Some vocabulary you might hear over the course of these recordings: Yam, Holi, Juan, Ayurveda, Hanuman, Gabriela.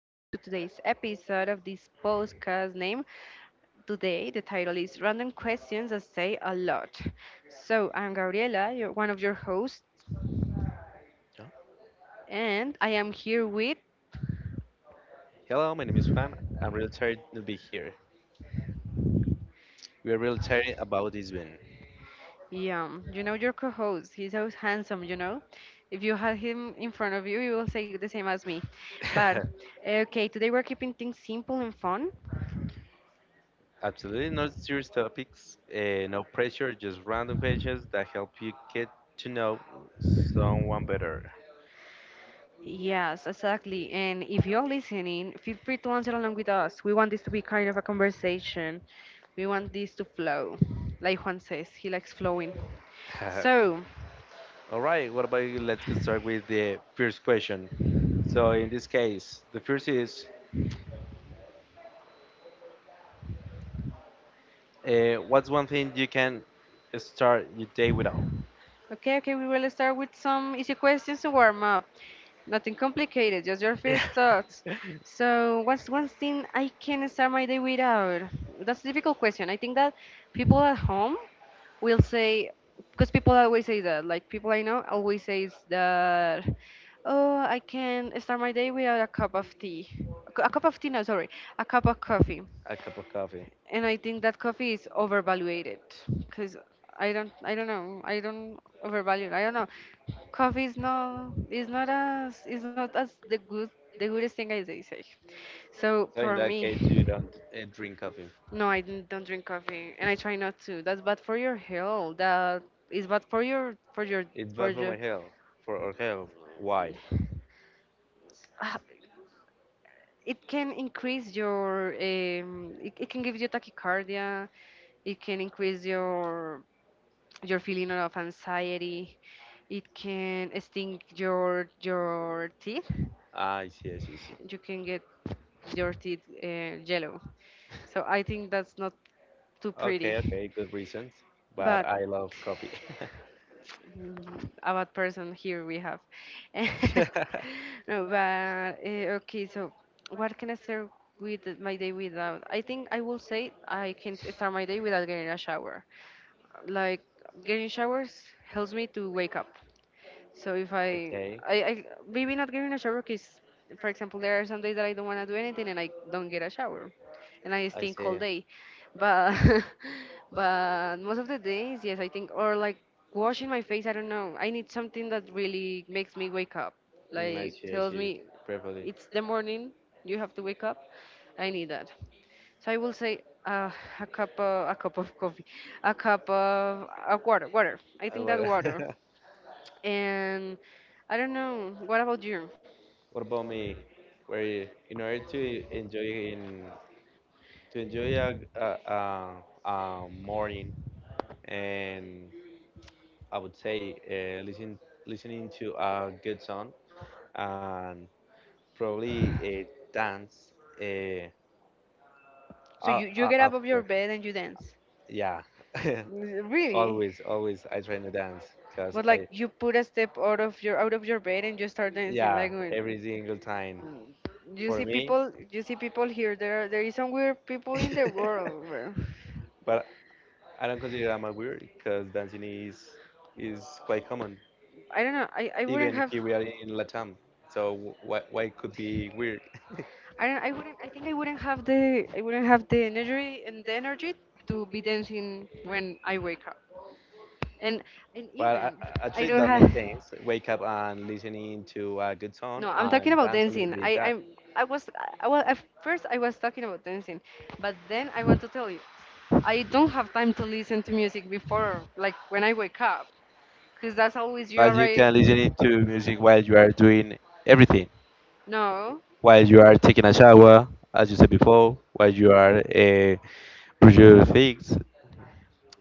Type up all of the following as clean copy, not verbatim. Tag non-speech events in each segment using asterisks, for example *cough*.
Welcome to today's episode of this podcast Name. Today, the title is Random Questions That Say a Lot. So, I'm Gabriela, you one of your hosts, Yeah. and I am here with Hello, my name is Juan. I'm really tired to be here. We are really tired about this win. Yam. You know, your co host. He's so handsome. If you had him in front of you, you will say the same as me. But, *laughs* okay, today we're keeping things simple and fun. Absolutely no serious topics, no pressure, just random questions that help you get to know someone better. Yes, exactly. And if you're listening, feel free to answer along with us. We want this to be kind of a conversation. We want this to flow, like Juan says, he likes flowing. *laughs* So, All right, what about you? Let's get started with the first question. So, in this case, the first is what's one thing you can start your day without? Okay, okay, we will start with some easy questions to warm up. Nothing complicated, just your first *laughs* thoughts. So, what's one thing I can start my day without? That's a difficult question. I think that people at home will say, because people always say that, like people I know always says that, oh, I can start my day without a cup of tea. A cup of tea, no, sorry, a cup of coffee. a cup of coffee. And I think that coffee is overvaluated because I don't know, I don't overvalue it. I don't know, coffee is not as the goodest thing as they say. So So for in me, that case, you don't drink coffee. no, I don't drink coffee, and I try not to. That's bad for your health. That is bad for your for your It's for bad for your. my health, for our health. Why? Ah, *sighs* it can increase your it can give you tachycardia, it can increase your feeling of anxiety, it can stink your teeth, Ah, I see, I see, I see. you can get your teeth yellow, so I think that's not too pretty Okay, okay, good reasons. but But I love coffee. *laughs* A bad person here we have. *laughs* okay, No, but okay, so what can I start my day without? I think I will say I can start my day without getting a shower. Like, getting showers helps me to wake up. So if I, I maybe not getting a shower because, for example, there are some days that I don't want to do anything and I don't get a shower, and I I stink all day. see. But *laughs* but most of the days, yes, I think, or like washing my face. I don't know. I need something that really makes me wake up, Mm, I like see, I tells see. me Properly. it's the morning. You have to wake up. I need that. So I will say a cup of coffee, a cup of water, water. I think What, that water, *laughs* and I don't know. What about you? what about me? Where you, in order to enjoy in to enjoy a morning and I would say listening to a good song and probably a dance. Uh, So you uh, you uh, get up uh, of your bed and you dance? yeah, *laughs* Really? always, always I try to dance because But like I, you put a step out of your bed and you start dancing, like yeah, when. every single time Mm. You see for me. people here, there is some weird people in the *laughs* world, bro. but I don't consider I'm a weird because dancing is quite common, I don't know, even here we are in Latam. So why it could be weird? I wouldn't have the energy to be dancing when I wake up, and and Well, even I actually, don't that have. makes sense. Wake up and listening to a good No, song I'm talking and about dance a little dancing. bit. I That. I'm I was I was at first I was talking about dancing, but then I want to tell you I don't have time to listen to music before, like when I wake up, because that's always you But you already. can listen to music while you are doing everything, No, while you are taking a shower, as you said before, while you are brush your things,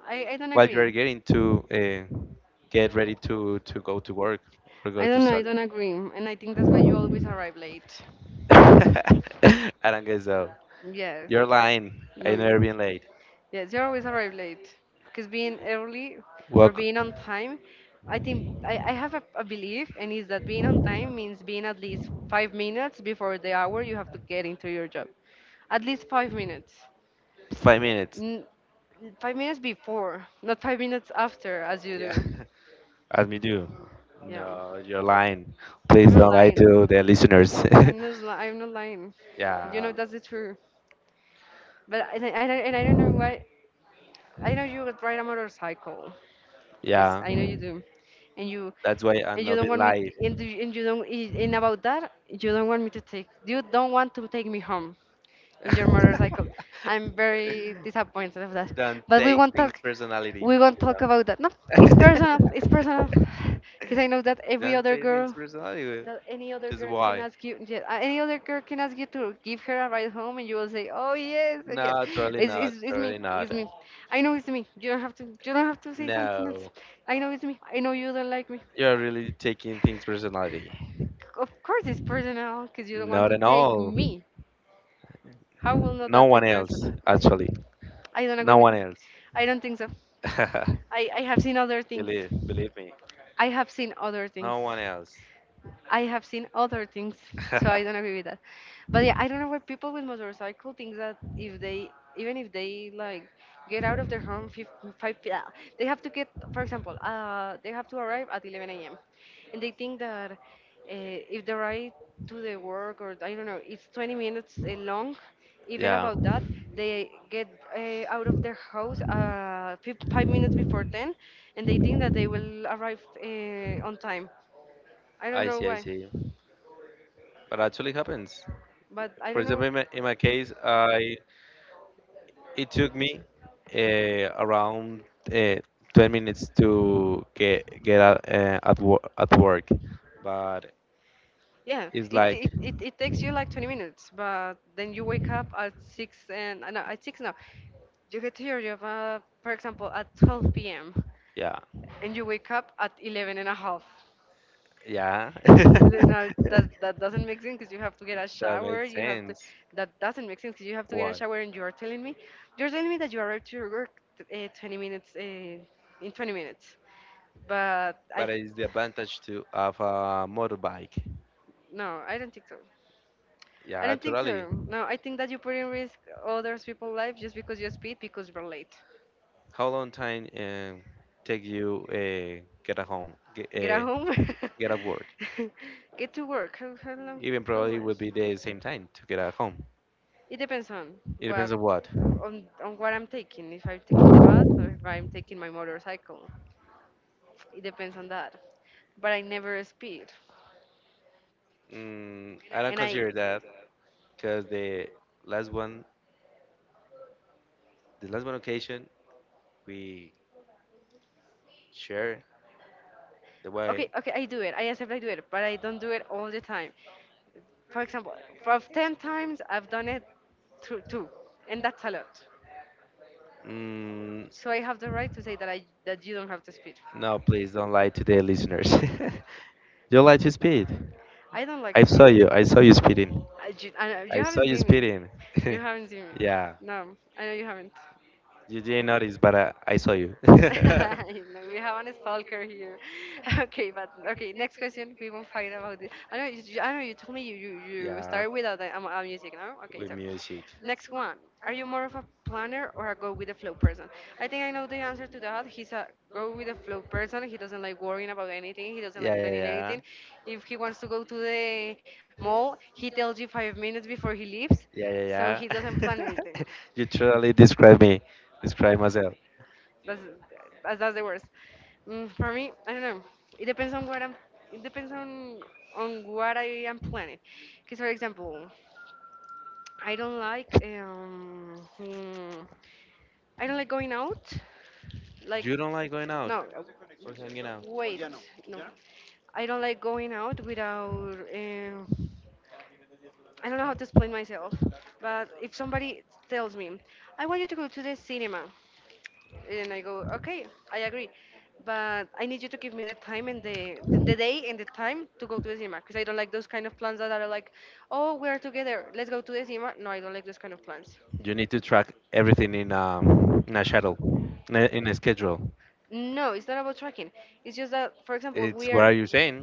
I don't while you agree. are getting to uh, get ready to go to work or I go to don't know. I study. don't agree, and I think that's why you always arrive late. *laughs* I don't guess so. Yes. You're lying. No, I never you. been late. Yes, you always arrive late. Because being early or Walk being on time, I think I have a belief, and is that being on time means being at least 5 minutes before the hour you have to get into your job. At least 5 minutes. 5 minutes. N- 5 minutes before, not 5 minutes after, as you Yeah, do. *laughs* as me do. Yeah. No, you're lying. Please don't lie Lying. to the listeners. I'm not lying. *laughs* You yeah, know, that's the truth. But and I don't know why. I know you would ride a motorcycle, because yeah. I know you do, and you That's why I'm and you not don't being want me lied. t- and about that you don't want me to take me home in your *laughs* motorcycle. I'm very disappointed of that, don't but we take won't talk. things personality. We won't talk about that. No, it's personal. *laughs* It's personal, *sighs* because I know that every don't other take girl things personality. that any other Just girl can why? ask you, yes, any other girl can ask you to give her a ride home, and you will say, oh, yes, yes. No, totally not. It's me, Totally not. I know it's me. You don't have to say something else. No, I know it's me. I know you don't like me. you're really taking things personality. Of course it's personal because you don't want Not to at take all. me. How will not No that be one else, personal? actually. I don't agree No with one that. else. I don't think so. *laughs* I have seen other things. believe, believe me. I have seen other things. No one else. I have seen other things, so I don't *laughs* agree with that. But yeah, I don't know why people with motorcycle think that if they, even if they, like, get out of their home five, yeah, they have to get, for example, they have to arrive at 11 a.m. And they think that if the ride to the work, or I don't know, it's 20 minutes long. Even yeah, about that, they get out of their house 5 minutes before 10, and they think that they will arrive on time. I don't I know see, I why. see. But actually happens. But I For don't know. example, in my case, I it took me around uh, 10 minutes to get out, at work, but Yeah, it's it, like it, it, it takes you like 20 minutes, but then you wake up at 6 and, no, at 6 now. You get to your job, for example, at 12 p.m. yeah, and you wake up at 11 and a half. yeah. *laughs* And you know, that that doesn't make sense because you have to get a shower. makes sense. That doesn't make sense because you have to get a Why? shower, and you are you're telling me that you arrived to your work, 20 minutes, in 20 minutes. But I, But it's the advantage to of a motorbike. no, I don't think so. I Yeah, don't think totally. so. No, I think that you put in risk others people's life just because you speed because you're late. How long time take you get a home, Get at home. get at work? *laughs* Get to work. How long? Even How probably much? would be the same time to get at home. It depends It what depends on what. On what I'm taking. If I'm taking the bus or if I'm taking my motorcycle, it depends on that. But I never speed, Mm, and I don't I consider that because last one, the last one occasion we share the way. okay, okay, I do it. I accept, I do it, but I don't do it all the time. For example, for 10 times I've done it through two, and that's a lot. Mm, So I have the right to say that you don't have to speed. no, please don't lie to the listeners. *laughs* you like to speed. I don't I like saw you. speeding. I saw you speeding. You I saw haven't you seen me. speeding. You *laughs* haven't seen me. yeah, No, I know you haven't. you didn't notice, but *laughs* I saw you. *laughs* We have an stalker here. *laughs* Okay, but okay. Next question. We won't fight about this. I know. I know. You told me you yeah, started without a music. No. Okay. with So, music. next one. Are you more of a planner or a go with the flow person? I think I know the answer to that. He's a go with the flow person. He doesn't like worrying about anything. He doesn't Yeah, like yeah, planning yeah. anything. If he wants to go to the mall, he tells you 5 minutes before he leaves, Yeah, yeah, so he doesn't plan yeah. anything. *laughs* you truly describe me. Describe myself. That's that's the worst. For me, I don't know. It depends on what I'm. It depends on what I am planning. Because, for example, I don't like I don't like going out. Like, You don't like going out no. Or hanging out. Wait, no. I don't like going out without. I don't know how to explain myself, but if somebody tells me, I want you to go to the cinema, and I go, okay, I agree, but I need you to give me the time and the day and the time to go to the cinema, because I don't like those kind of plans that are like, oh, we're together, let's go to the cinema. No, I don't like those kind of plans. You need to track everything in a schedule, in a schedule. No, it's not about tracking. It's just that, for example, It's we what are. are you saying?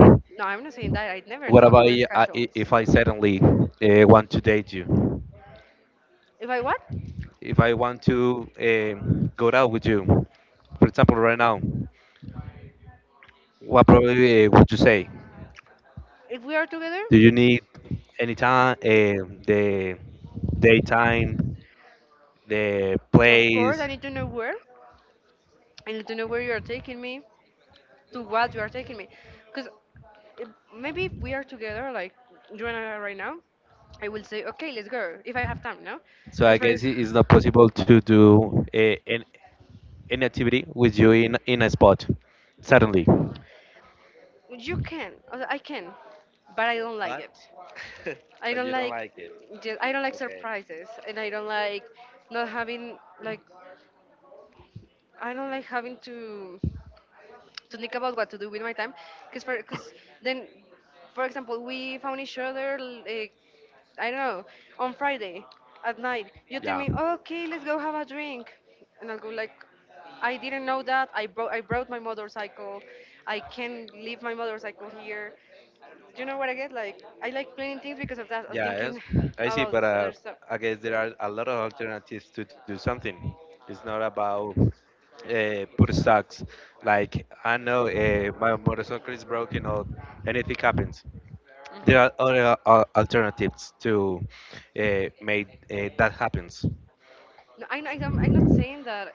No, I'm not saying that. I'd never. About if I suddenly want to date you? If I what? If I want to go out with you, for example, right now, what probably would you say? If we are together, Do you need any time, the daytime, the of course, I place? need to know where. I need to know where you are taking me. To what you are taking me, because maybe if we are together like you and I are right now, I will say okay, let's go if I have time. No, So because I for guess it is not possible to do an activity with you in a spot suddenly. you can I can, but I don't like it. I don't like I don't like surprises and I don't like not having like, I don't like having to think about what to do with my time. Because then, for example, we found each other, like I don't know, on Friday at night you tell Yeah. me, okay, let's go have a drink, and I'll go like, I didn't know that I brought my motorcycle. I can leave my motorcycle here. Do you know what I get? Like, I like planning things because of that, of Yes, thinking *sighs* I see, about this but other stuff. I guess there are a lot of alternatives to do something. It's not about put socks. Like I know my motorcycle is broken or anything happens. There are other Hmm. Alternatives to make that happens. No, I'm not saying that.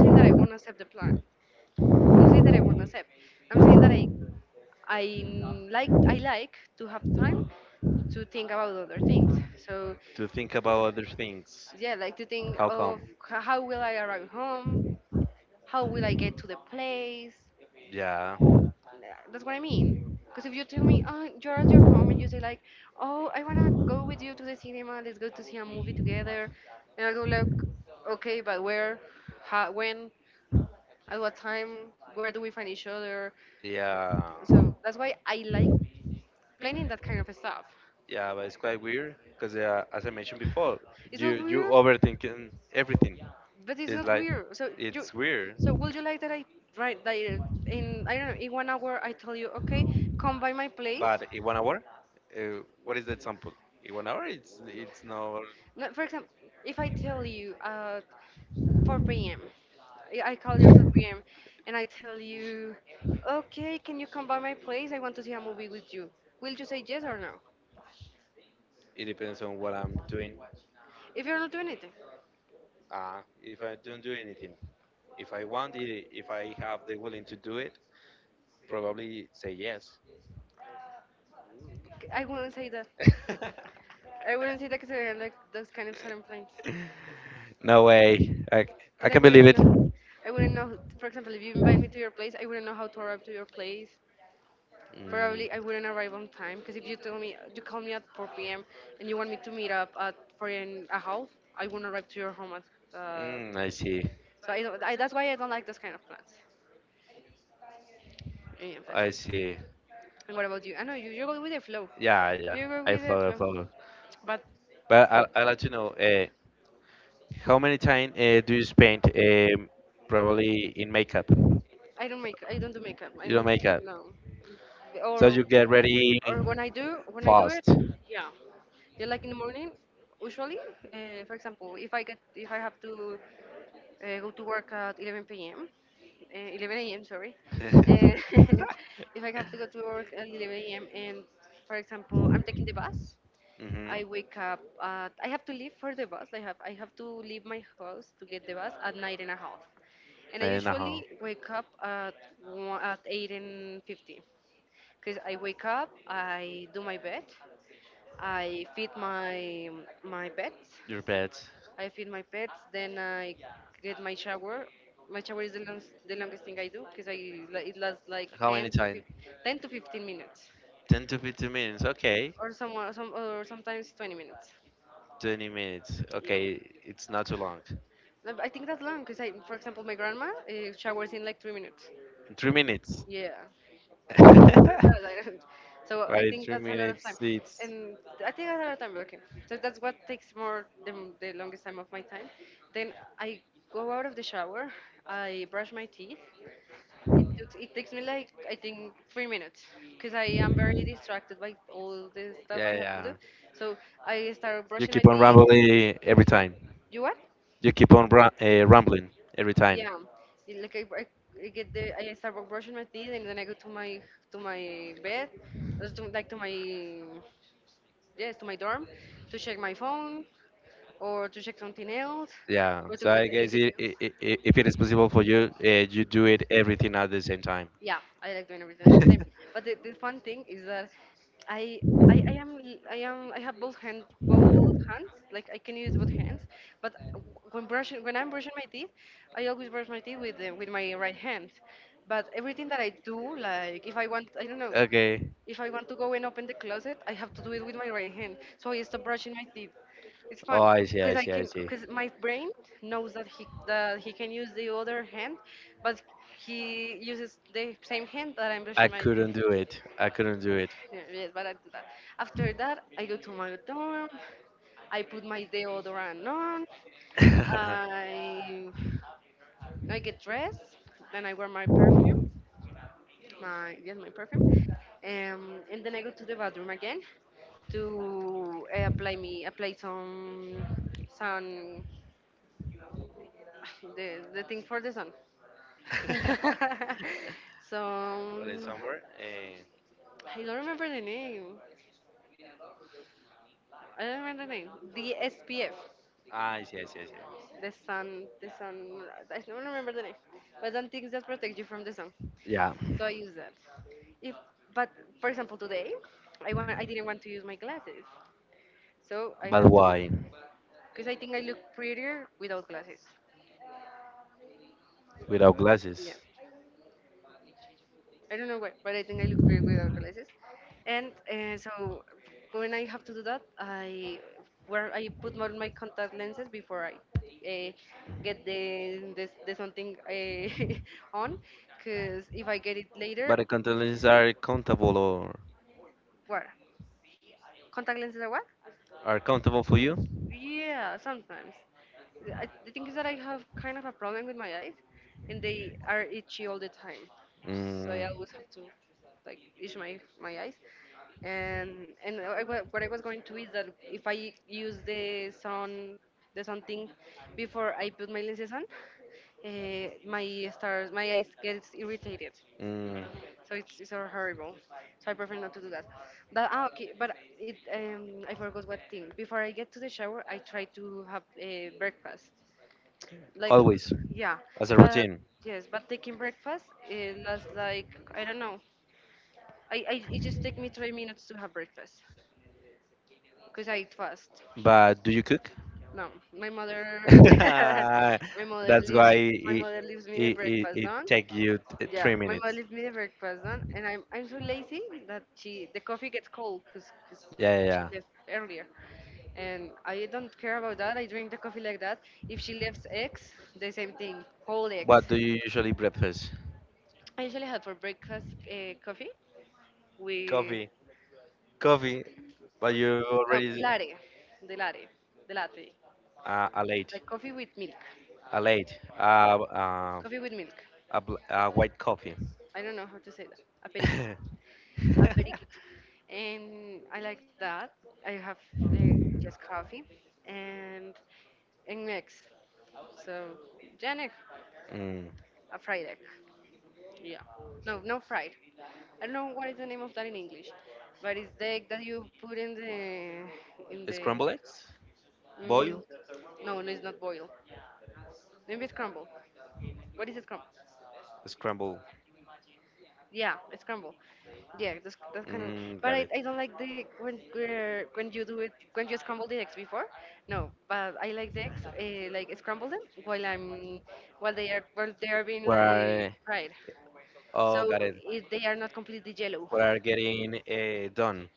Saying that I won't accept the plan. I'm not saying that I won't accept. I'm saying that like, I like to have time to think about other things. So To think about other things. yeah, like to think How of, come? How will I arrive home, how will I get to the place. Yeah, That's what I mean. Because if you tell me, oh, you're at your home and you say like, oh, I wanna go with you to the cinema, let's go to see a movie together, and I go like, okay, but where, how, when? At what time, where do we find each other? yeah. So that's why I like planning that kind of stuff. Yeah, but it's quite weird because, as I mentioned before, It's not you weird, overthinking everything. but not Like weird. So you, it's weird. so would you like that right that I don't know, in 1 hour I tell you, okay, come by my place. But in Want? one hour, what is the example? In one hour, it's not. No, for example, if I tell you at 4 p.m., I call you at 4 p.m. and I tell you, okay, can you come by my place? I want to see a movie with you. Will you say yes or no? It depends on what I'm doing. If you're not doing anything, If I don't do anything, if I want it, if I have the willing to do it, probably say yes. I wouldn't say that. *laughs* I wouldn't say that because I don't like those kind of sudden plans. no way. Because I I can wouldn't believe know. it. I wouldn't know. For example, if you invite me to your place, I wouldn't know how to arrive to your place. Probably Mm, I wouldn't arrive on time. Because if you tell me, you call me at 4 p.m. and you want me to meet up at 4 and a half, I wouldn't arrive to your home at. Uh, mm, I see. so I don't. I, that's why I don't like those kind of plans. Yeah, that's I it. see. I And what about you? I know you. You go with the flow. Yeah, yeah. You go, yeah, I with the follow, I flow. follow. But But I'd like to know how many time do you spend probably in makeup? You I don't make. I don't do makeup. I don't makeup. no. So, So you get ready or when I do, fast. yeah, yeah, like in the morning. Usually, for example, if I have to go to work at 11 p.m. 11 a.m. Sorry, uh, *laughs* *laughs* if I have to go to work at 11 a.m. and, for example, I'm taking the bus. I hmm wake up. At, I have to leave for the bus. I have to leave my house to get the bus at nine and a half, and I I do usually how. wake up at one, at 8:50, because I wake up, I do my bed, I feed my pets. Your pets. I feed my pets. Then I get my shower. My shower is the longest thing I do, because I, it lasts like How 10 many to time? 10 to 15 minutes, 10 to 15 minutes. Okay. or sometimes 20 minutes. 20 minutes. Yeah. Okay. It's not too long. No, but I think that's long because I, for example, my grandma showers in like 3 minutes. 3 minutes. Yeah. *laughs* right Right, *laughs* so I in think 3 that's a lot of time, minutes. It's. and I think that's a lot of time working. So that's what takes more, the longest time of my time. Then I go out of the shower, I brush my teeth. It takes me like, I think, 3 minutes because I am very distracted by all the stuff I Yeah, have to do. yeah. So I start You brushing my keep on teeth. rambling every time. You what? You keep on rambling every time. Yeah, it- like I, I, I get the I start brushing my teeth and then I go to my, to my bed, uh, to, like to my yes, to my dorm to check my phone, or to check something else, Yeah. or to So get I guess anything. I if it is possible for you, you do it everything at the same time. Yeah, I like doing everything. *laughs* But the fun thing is that I, I am, I have both hands, like I can use both hands, but when I'm brushing my teeth, I always brush my teeth with with my right hand. But everything that I do, like if I want, I don't know, okay. if I want to go and open the closet, I have to do it with my right hand. So I stop brushing my teeth. It's Oh, fun I see, because I I see, I can, see. because my brain knows that he can use the other hand, but he uses the same hand that I'm brushing I my teeth. couldn't do it. I couldn't do it. *laughs* Yeah, Yes, but I do that. After that, I go to my dorm. I put my deodorant on. I I get dressed. Then I wear my, yes, my perfume, and then I go to the bathroom again to apply some sun, *laughs* the thing for the sun, *laughs* so. Put But it's somewhere, somewhere. Eh, and I don't remember the name, I don't remember the name, the SPF, I see, I see, I see. The sun, I don't remember the name, but then things that protect you from the sun, Yeah, so I use that if, but, for example, today I want, I didn't want to use my glasses. So I but have, why? because I think I look prettier without glasses. Without glasses. Yeah, I don't know why, but I think I look prettier without glasses. And so when I have to do that, I put more my contact lenses before I uh, get the something *laughs* on, because if I get it But the later. contact lenses are countable or What? Contact lenses are what? are countable for you? Yeah, sometimes. I, the thing is that I have kind of a problem with my eyes, and they are itchy all the time. So yeah, Mm, I always have to like itch my eyes. And I, what I was going to is that if I use the sun thing before I put my lenses on, my eyes gets irritated, mm, so it's so horrible. So I prefer not to do that. But ah, okay, but it, I forgot what thing. Before I get to the shower, I try to have a breakfast. Like, always, yeah, as a but routine. yes, but taking breakfast it lasts like, I don't know, I, it just took me 3 minutes to have breakfast because I eat fast. But do you cook? No, my mother, *laughs* my *laughs* mother that's why leaves, my it mother leaves me the breakfast it on. take you three Yeah, my mother minutes. leaves me the breakfast on, and I'm so lazy that she, the coffee gets cold because Yeah, yeah, yeah. she left earlier, and I don't care about that. I drink the coffee like that. If she leaves eggs, the same thing, whole eggs. What do you usually breakfast? I usually have for breakfast coffee Coffee, with, coffee. But you no, already latte, the latte, the latte, a late, like coffee with milk, a late, uh, uh, coffee with milk. a, a white coffee. I don't know how to say that. Aperico, *laughs* aperiquito, and I like that. I have uh, just coffee and an egg. So jan egg, mm. a fried egg. Yeah, no, no fried. I don't know what is the name of that in English, but it's the egg that you put in the, in the. Scrambled eggs, Mm, boiled, no, no, it's not boil. Maybe it's crumble. What is it crumble? scrambled. Yeah, it's crumble. Yeah, that's kind of. Mm, But got it. I don't like the when, when you do it when you scramble the eggs before. No, but I like the eggs like, scramble them while I'm, while they are being Where? like Are, fried, oh, so got it. it, they are not completely yellow. We are getting done.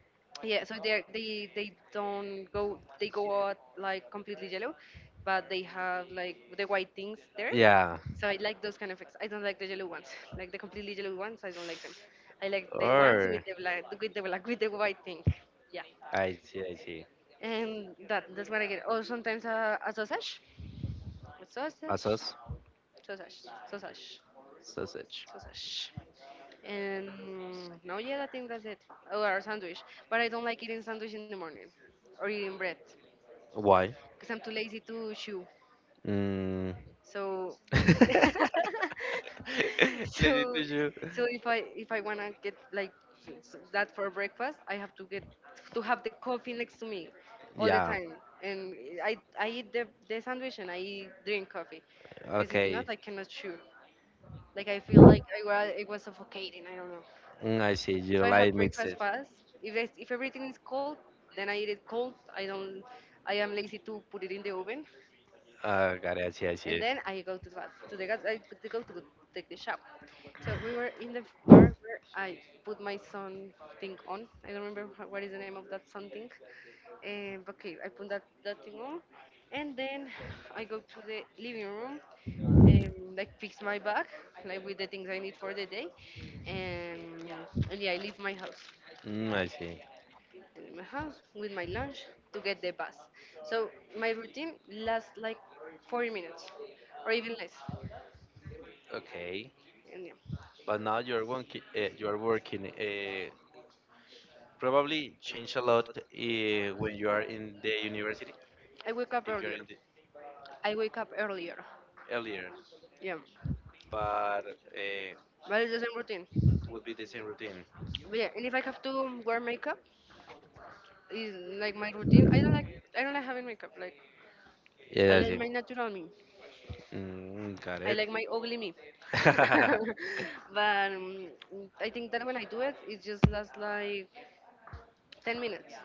Yeah, so they don't go, they go out like completely yellow, but they have like the white things there. Yeah. So I like those kind of eggs. I don't like the yellow ones, like the completely yellow ones. I don't like them. I like the ones Or with the black, with the white thing. Yeah, I see, I see. and that, that's what I get. Or sometimes a sausage, with A sauce? sausage, sausage, Sausage. sausage. And no, yeah, I think that's it. Or a sandwich, but I don't like eating sandwich in the morning, or eating bread, Why? because I'm too lazy to chew. Mm, So *laughs* let *laughs* me so, tell you. so if I if I want to get like, that for breakfast I have to get, to have the coffee next to me all the Yeah. time, and I eat the sandwich and I drink coffee, because if Okay. not I cannot chew, like I feel like I was it was suffocating, I don't know. Mm, I see. You don't So I like have mixed. breakfast fast. If it's, if everything is cold, then I eat it cold. I don't. I am lazy to put it in the oven, Got it. I see. I see. and then I go to the to the gas. I go to take the shower. So we were in the bar where I put my son thing on. I don't remember what is the name of that something. Okay, I put that thing on, and then I go to the living room, like fix my bag, like with the things I need for the day, and yeah, I leave my house. Mm, I see. I leave my house with my lunch to get the bus. So my routine lasts like 40 minutes or even less. Okay. And yeah, But now you're working. You are working. Probably change a lot when you are in the university. I wake up If you're earlier. in the I wake up earlier. earlier, Yeah, but uh, but it's the same routine. would be the same routine. But yeah, and if I have to wear makeup, is like my routine. I don't like having makeup. Like I Yeah, I like see. my natural me. Mm, got I it. like my ugly me. *laughs* *laughs* But I think that when I do it, it just lasts like 10 minutes.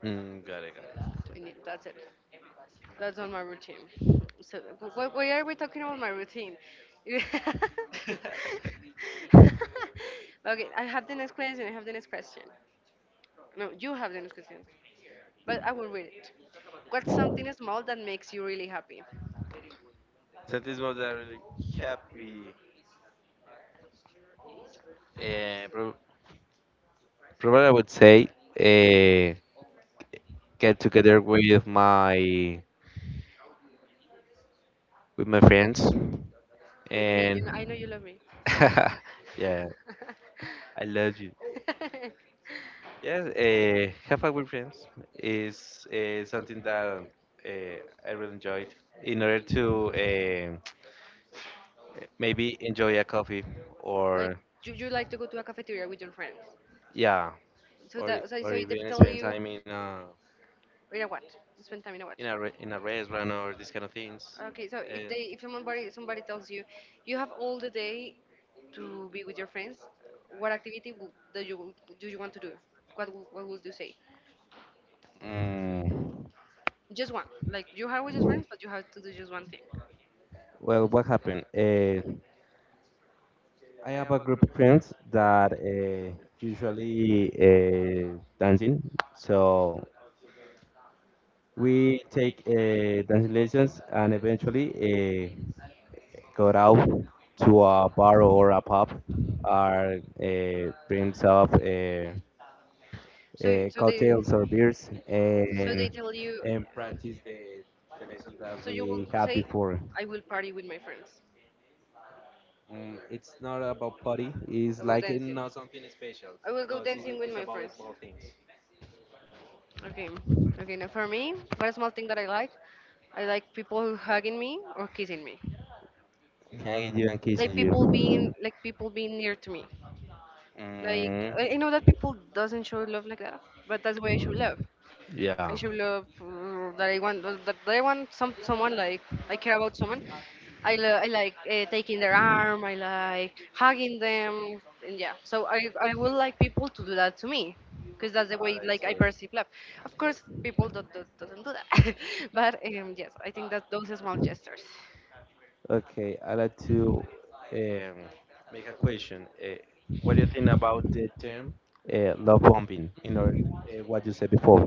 mm, got it, got it. And yeah, that's it. That's on my routine. So why are we talking about my routine? *laughs* Okay, I have the next question. I have the next question. No, you have the next question, but I will read it. What's something small that makes you really happy? So this was a really happy, uh, pro probably I would say, uh, get together with my friends, With me, you know I know you and love me. *laughs* yeah, I love you. Yes, have fun with friends is something that uh, I really enjoyed. In order to uh, maybe enjoy a coffee *laughs* Like or you like to go to a cafeteria with your friends. yeah, So or or so if they even tell spend you. time in a In a what? Spend time in a what? In a restaurant or these kind of things. Okay, so Uh, if somebody tells you, you have all the day to be with your friends, what activity do you want to do? What would you say? Mm, Just one. Like you have with your friends, but you have to do just one thing. well, what happened? I have a group of friends that usually dancing, so we take dancing lessons and eventually go out to a bar or a pub. Our brings up So you- so they cocktails or beers so they tell you. and practice the that So you will we had say, before. I will party with my friends. Mm, it's not about party. It's About like it's dancing. not something I will go dancing with my friends. Okay. Okay, now for me, what a small thing that I like people hugging me or kissing me. hanging you and kissing you. Like people being near to me. Like Mm, I know that people doesn't show love like that, but that's why I show love. I yeah. show love that I want that I want someone like I care about someone. I like taking their arm. I like hugging them, and yeah. So I would like people to do that to me, because that's the way like I It's- perceive love. Of course, people that not doesn't do that, *laughs* but yes, I think that those are small gestures. Okay, I like to um, make a question. What do you think about the term love bombing? You know, what you said before.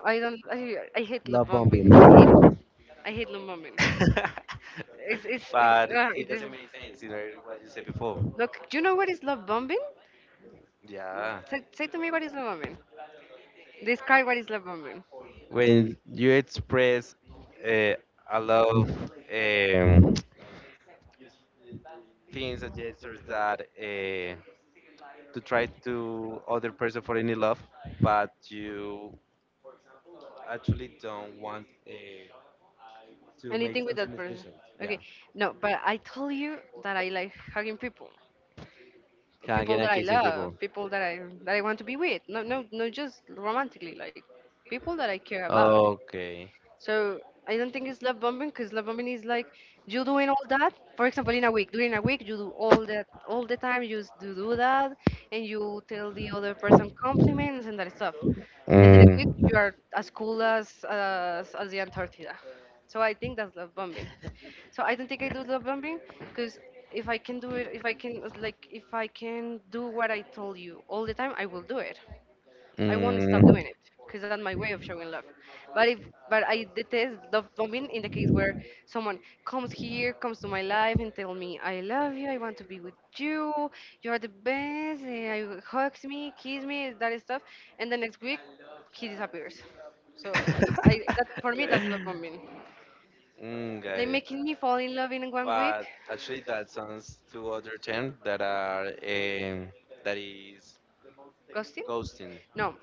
I don't I hate love Love bombing. bombing. I hate love bombing. *laughs* *laughs* But it it is. doesn't make sense, you know, what you said before. Look, do you know what is love bombing? Yeah. Yeah. Say to me what is love bombing. Describe what is love bombing. When you express uh, a lot of um, things and gestures that to try to other person for any love, but you actually don't want to make Anything with some that with person. Yeah. Yeah. Yes. Okay. No, but I told you that I like hugging people. Yeah, Hugging people and that I kissing people. love, people that I want to be with. No, no, no, just romantically, like people that I care about. Okay. So I don't think it's love bombing, because love bombing is like you doing all that. For example, in a week, during a week, you do all that all the time. Do that, and you tell the other person compliments and that stuff. And the next week, you Mm, are as cool as as the Antarctica. So I think that's love bombing. So I don't think I do love bombing because if I can do it, if I can like if I can do what I told you all the time, I will do it. I won't stop mm. doing it because that's my way of showing love. But if but I detest love bombing in the case where someone comes to my life and tell me I love you, I want to be with you, you are the best, I hugs me, kiss me, that stuff, and the next week he disappears. So I, I that *laughs* for me that's mm, love bombing, got like it. making me fall in love in 1 week. But actually, that sounds two other terms that are that is Ghosting? ghosting. No,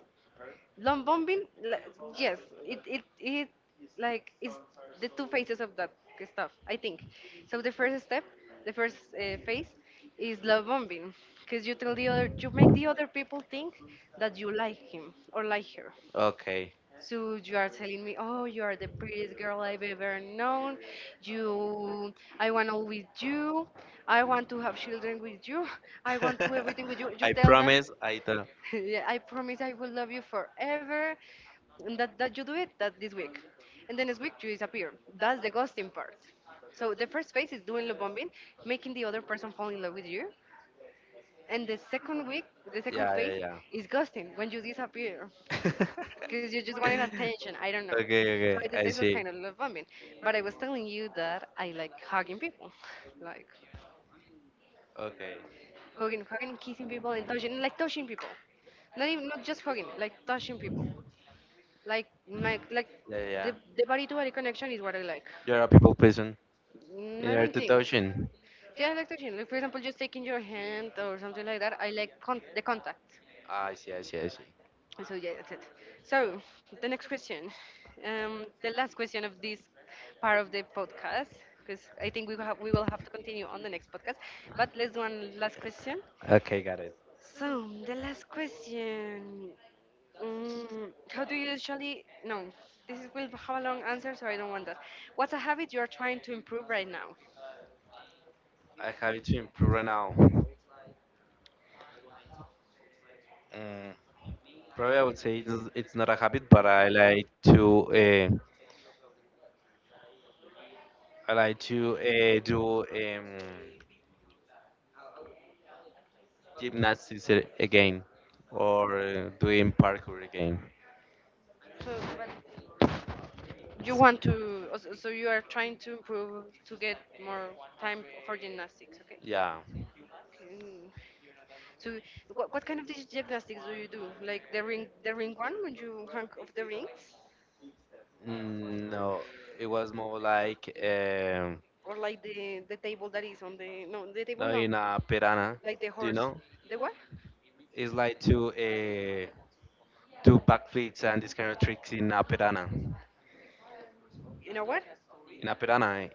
love bombing, like, yes, it it it it's the two phases of that stuff, I think. So the first step, the first phase is love bombing, because you tell the other, you make the other people think that you like him or like her, Okay. so you are telling me, oh, you are the prettiest girl I've ever known. You, I want all with you. I want to have children with you. *laughs* I want to *laughs* everything with you. You I tell that, promise I don't. *laughs* yeah, I promise I will love you forever. And that you do it that this week. And then next week you disappear. That's the ghosting part. So the first phase is doing love bombing, making the other person fall in love with you. And the second week, the second Yeah, phase yeah, yeah. is ghosting, when you disappear *laughs* because you just wanted attention. I don't know. okay, Okay, so okay. I I detect I that see see. kind of love bombing. But I was telling you that I like hugging people, *laughs* like Okay. Hugging and kissing people and touching, like touching people. Not just hugging, like touching people. Like my like Yeah, Yeah, yeah, yeah, yeah. the body to body connection is what I like. You're a people person. Mm, I yeah. You don't You're like a to think, touch it. touching. Yeah, I like touching. Like for example, just taking your hand or something like that. I like the contact. Ah, I see, I see, I see. So yeah, that's it. So the next question, the last question of this part of the podcast, because I think we will have to continue on the next podcast. But let's do one last question. Okay, got it. So the last question, how do you usually? No, this is, will have a long answer, so I don't want that. What's a habit you are trying to improve right now? A habit to improve right now. Mm, probably I would say it's not a habit, but I like to do gymnastics again or doing parkour again. So what you It's want to? So you are trying to improve to get more time for gymnastics, okay? yeah. Okay. So what kind of gymnastics do you do? Like the ring one when you hang off the rings, Mm, no, it was more like or like the table that is on the the table no no, in a pirana. like the Do you horse, know? the what? It's like to do backflips and this kind of tricks in a pirana. You know what? In a pirana.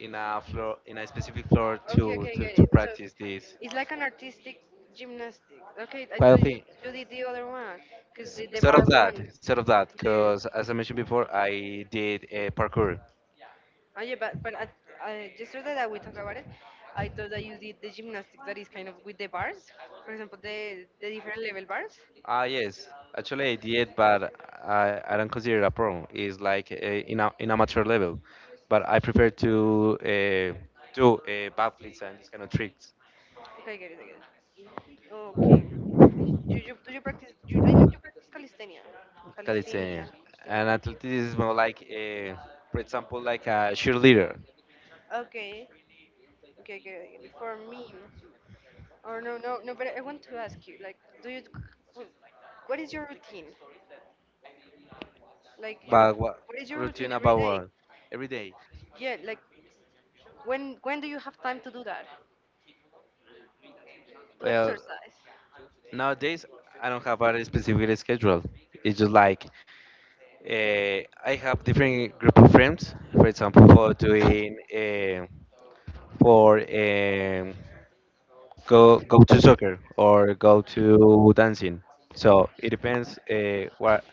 In a floor in a specific floor Okay, okay, I get to it. So practice this it's like an artistic gymnastic. Okay, I quite thought you thing. did the other one, cause the bar one. Sort of that because The as I mentioned before I did a parkour. oh yeah, but I yesterday that we talked about it, I thought that you did the gymnastic that is kind of with the bars. For example, the different level bars. Ah, yes, actually I did, but I don't consider it a problem. It's like a in amateur level, but I prefer to do backflips and these kind of tricks. Okay, I get it, I get it. Okay. Do you practice calisthenia? Calisthenia. Calisthenia and athletics is more like a, for example like a cheerleader. Okay. Okay, I get it, I get it. For me, or no, no, no. But I want to ask you, like, do you? wh- What is your routine? Like your But what what is your routine routine every about day? what? Every day. Yeah, like when do you have time to do that? To Well, exercise. nowadays I don't have a specific schedule. It's just like uh, I have different group of friends. For example, for doing for go to soccer or go to dancing. So it depends what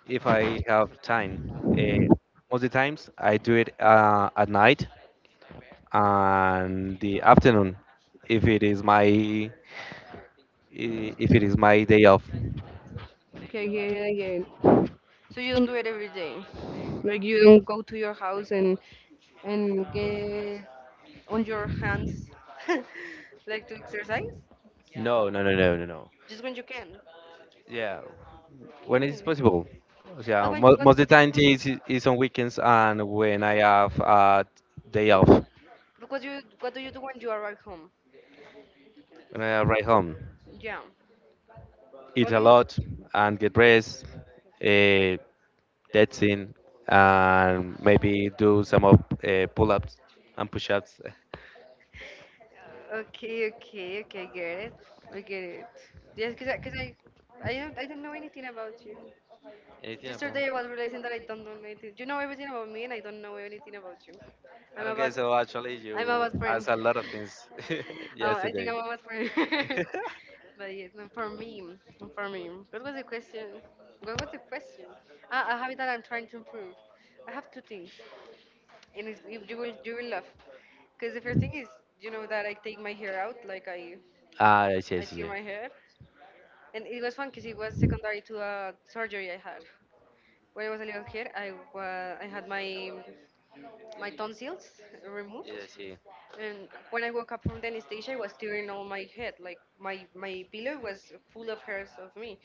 if I have time. Uh, most of the times I do it at night and the afternoon if it is my if it is my day off. Okay, yeah, yeah, yeah. So you don't do it every day. Like you don't go to your house and get on your hands *laughs* like to exercise No, no, no, no, no, no. just when you can. Yeah, when it is Okay, possible. but Yeah, when, most of the time is on weekends and when I have a day off, when because you, what do you do when you arrive home? I arrive home, Yeah, eat what do a you? lot and get rest, uh, that's in, and maybe do some of pull-ups and push-ups. Okay, okay, okay, get it, I get it. Yes, because I don't know anything about you. Anything about? Yesterday I was realizing that I don't know anything. You know everything about me and I don't know anything about you. I'm a Okay, bad, so actually I'm a you bad friend. asked a lot of *laughs* things *laughs* Oh, I think yesterday. I'm a bad friend. *laughs* *laughs* But yes, no, for me, for me. What was the question? What was the question? Ah, a habit that I'm trying to improve. I have two things, and it's, you will laugh, because the first thing is you know that I take my hair out, like Ah, yes, I yes, tear yes. my hair, and it was fun because it was secondary to a surgery I had. When I was a little kid, I had my tonsils removed, Yes, yes. and when I woke up from the anesthesia, I was tearing all my head. Like my pillow was full of hairs of me,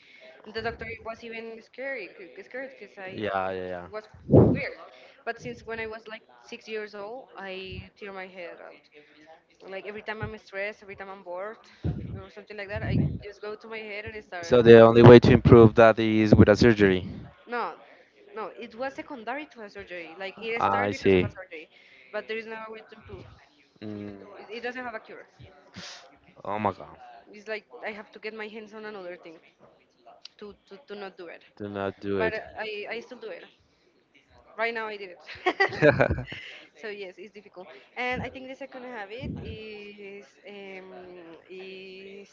and the doctor was even scary, scared because I Yeah, yeah, was yeah. weird. But since when I was like 6 years old, I tear my hair out. Like every time I'm stressed, every time I'm bored, or something like that, I just go to my hair and I start. So the only way to improve that is with a surgery. No, no, it was secondary to a surgery. Like it started I because of a see. surgery, but there is no way to improve. Mm, It doesn't have a cure. oh my God. It's like I have to get my hands on another thing to, to not do it. Do not do But it. I still do it. Right now I did it. *laughs* *laughs* So yes, it's difficult. And I think the second habit is is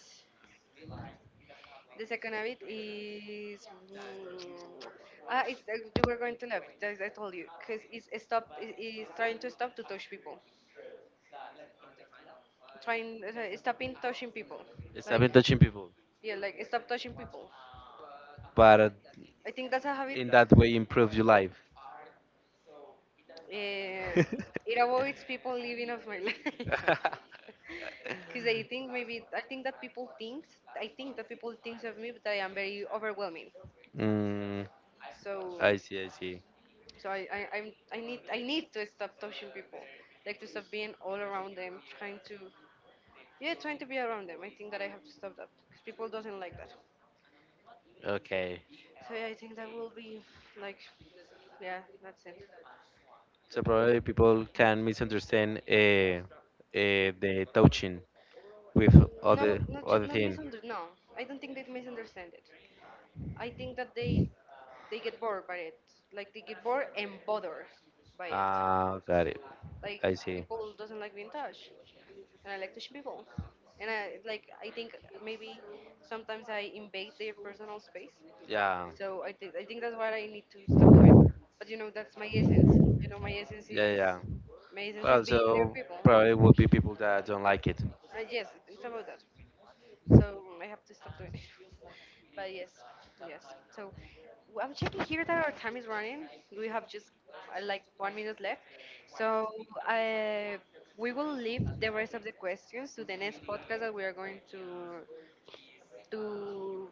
the second habit is it's, you were going to laugh. As I told you, because it's trying to stop to touch people, trying stopping touching people, stop like in touching people. yeah, like stop touching people. But I think that's a habit. in that way improve your life. Uh, *laughs* it avoids people leaving of my life. *laughs* Because I think maybe I think that people think of me that I am very overwhelming. mm, So. I see, I see. So I'm, I need to stop touching people, like to stop being all around them, trying to, yeah, trying to be around them. I think that I have to stop that because people doesn't like that. Okay. So yeah, I think that will be like, yeah, that's it. So probably people can misunderstand uh, the touching with No, not just other not thing. misunderstand. No, I don't think they misunderstand it. I think that they get bored by it, like they get bored and bothered by it. Ah, got it. Like I see. people doesn't like being touched, and I like touching people. And I like I think maybe sometimes I invade their personal space. Yeah, So I think that's what I need to stop. But you know that's my essence. You know my essence is yeah, yeah. my essence But is being near also people. probably would be people that don't like it. Yes, it's about that. So I have to stop doing it. *laughs* But yes, yes. So I'm checking here that our time is running. We have just like 1 minute left. So uh, we will leave the rest of the questions to the next podcast that we are going to to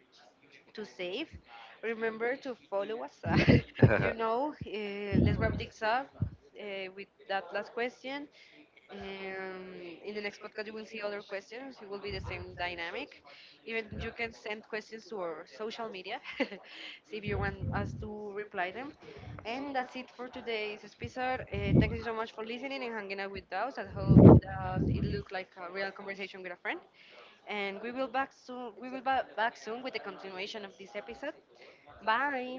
to save. Remember to follow us. *laughs* You know, let's wrap things up with that last question. Um, in the next podcast, you will see other questions. It will be the same dynamic. Even you can send questions to our social media, *laughs* see if you want us to reply them. And that's it for today's episode. Thank you so much for listening and hanging out with us. I hope that it looked like a real conversation with a friend, and we will back soon. We will back soon with the continuation of this episode. Bye.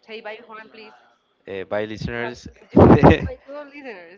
Say bye, Juan, please. *laughs* By You have listeners. you have *laughs* to listeners.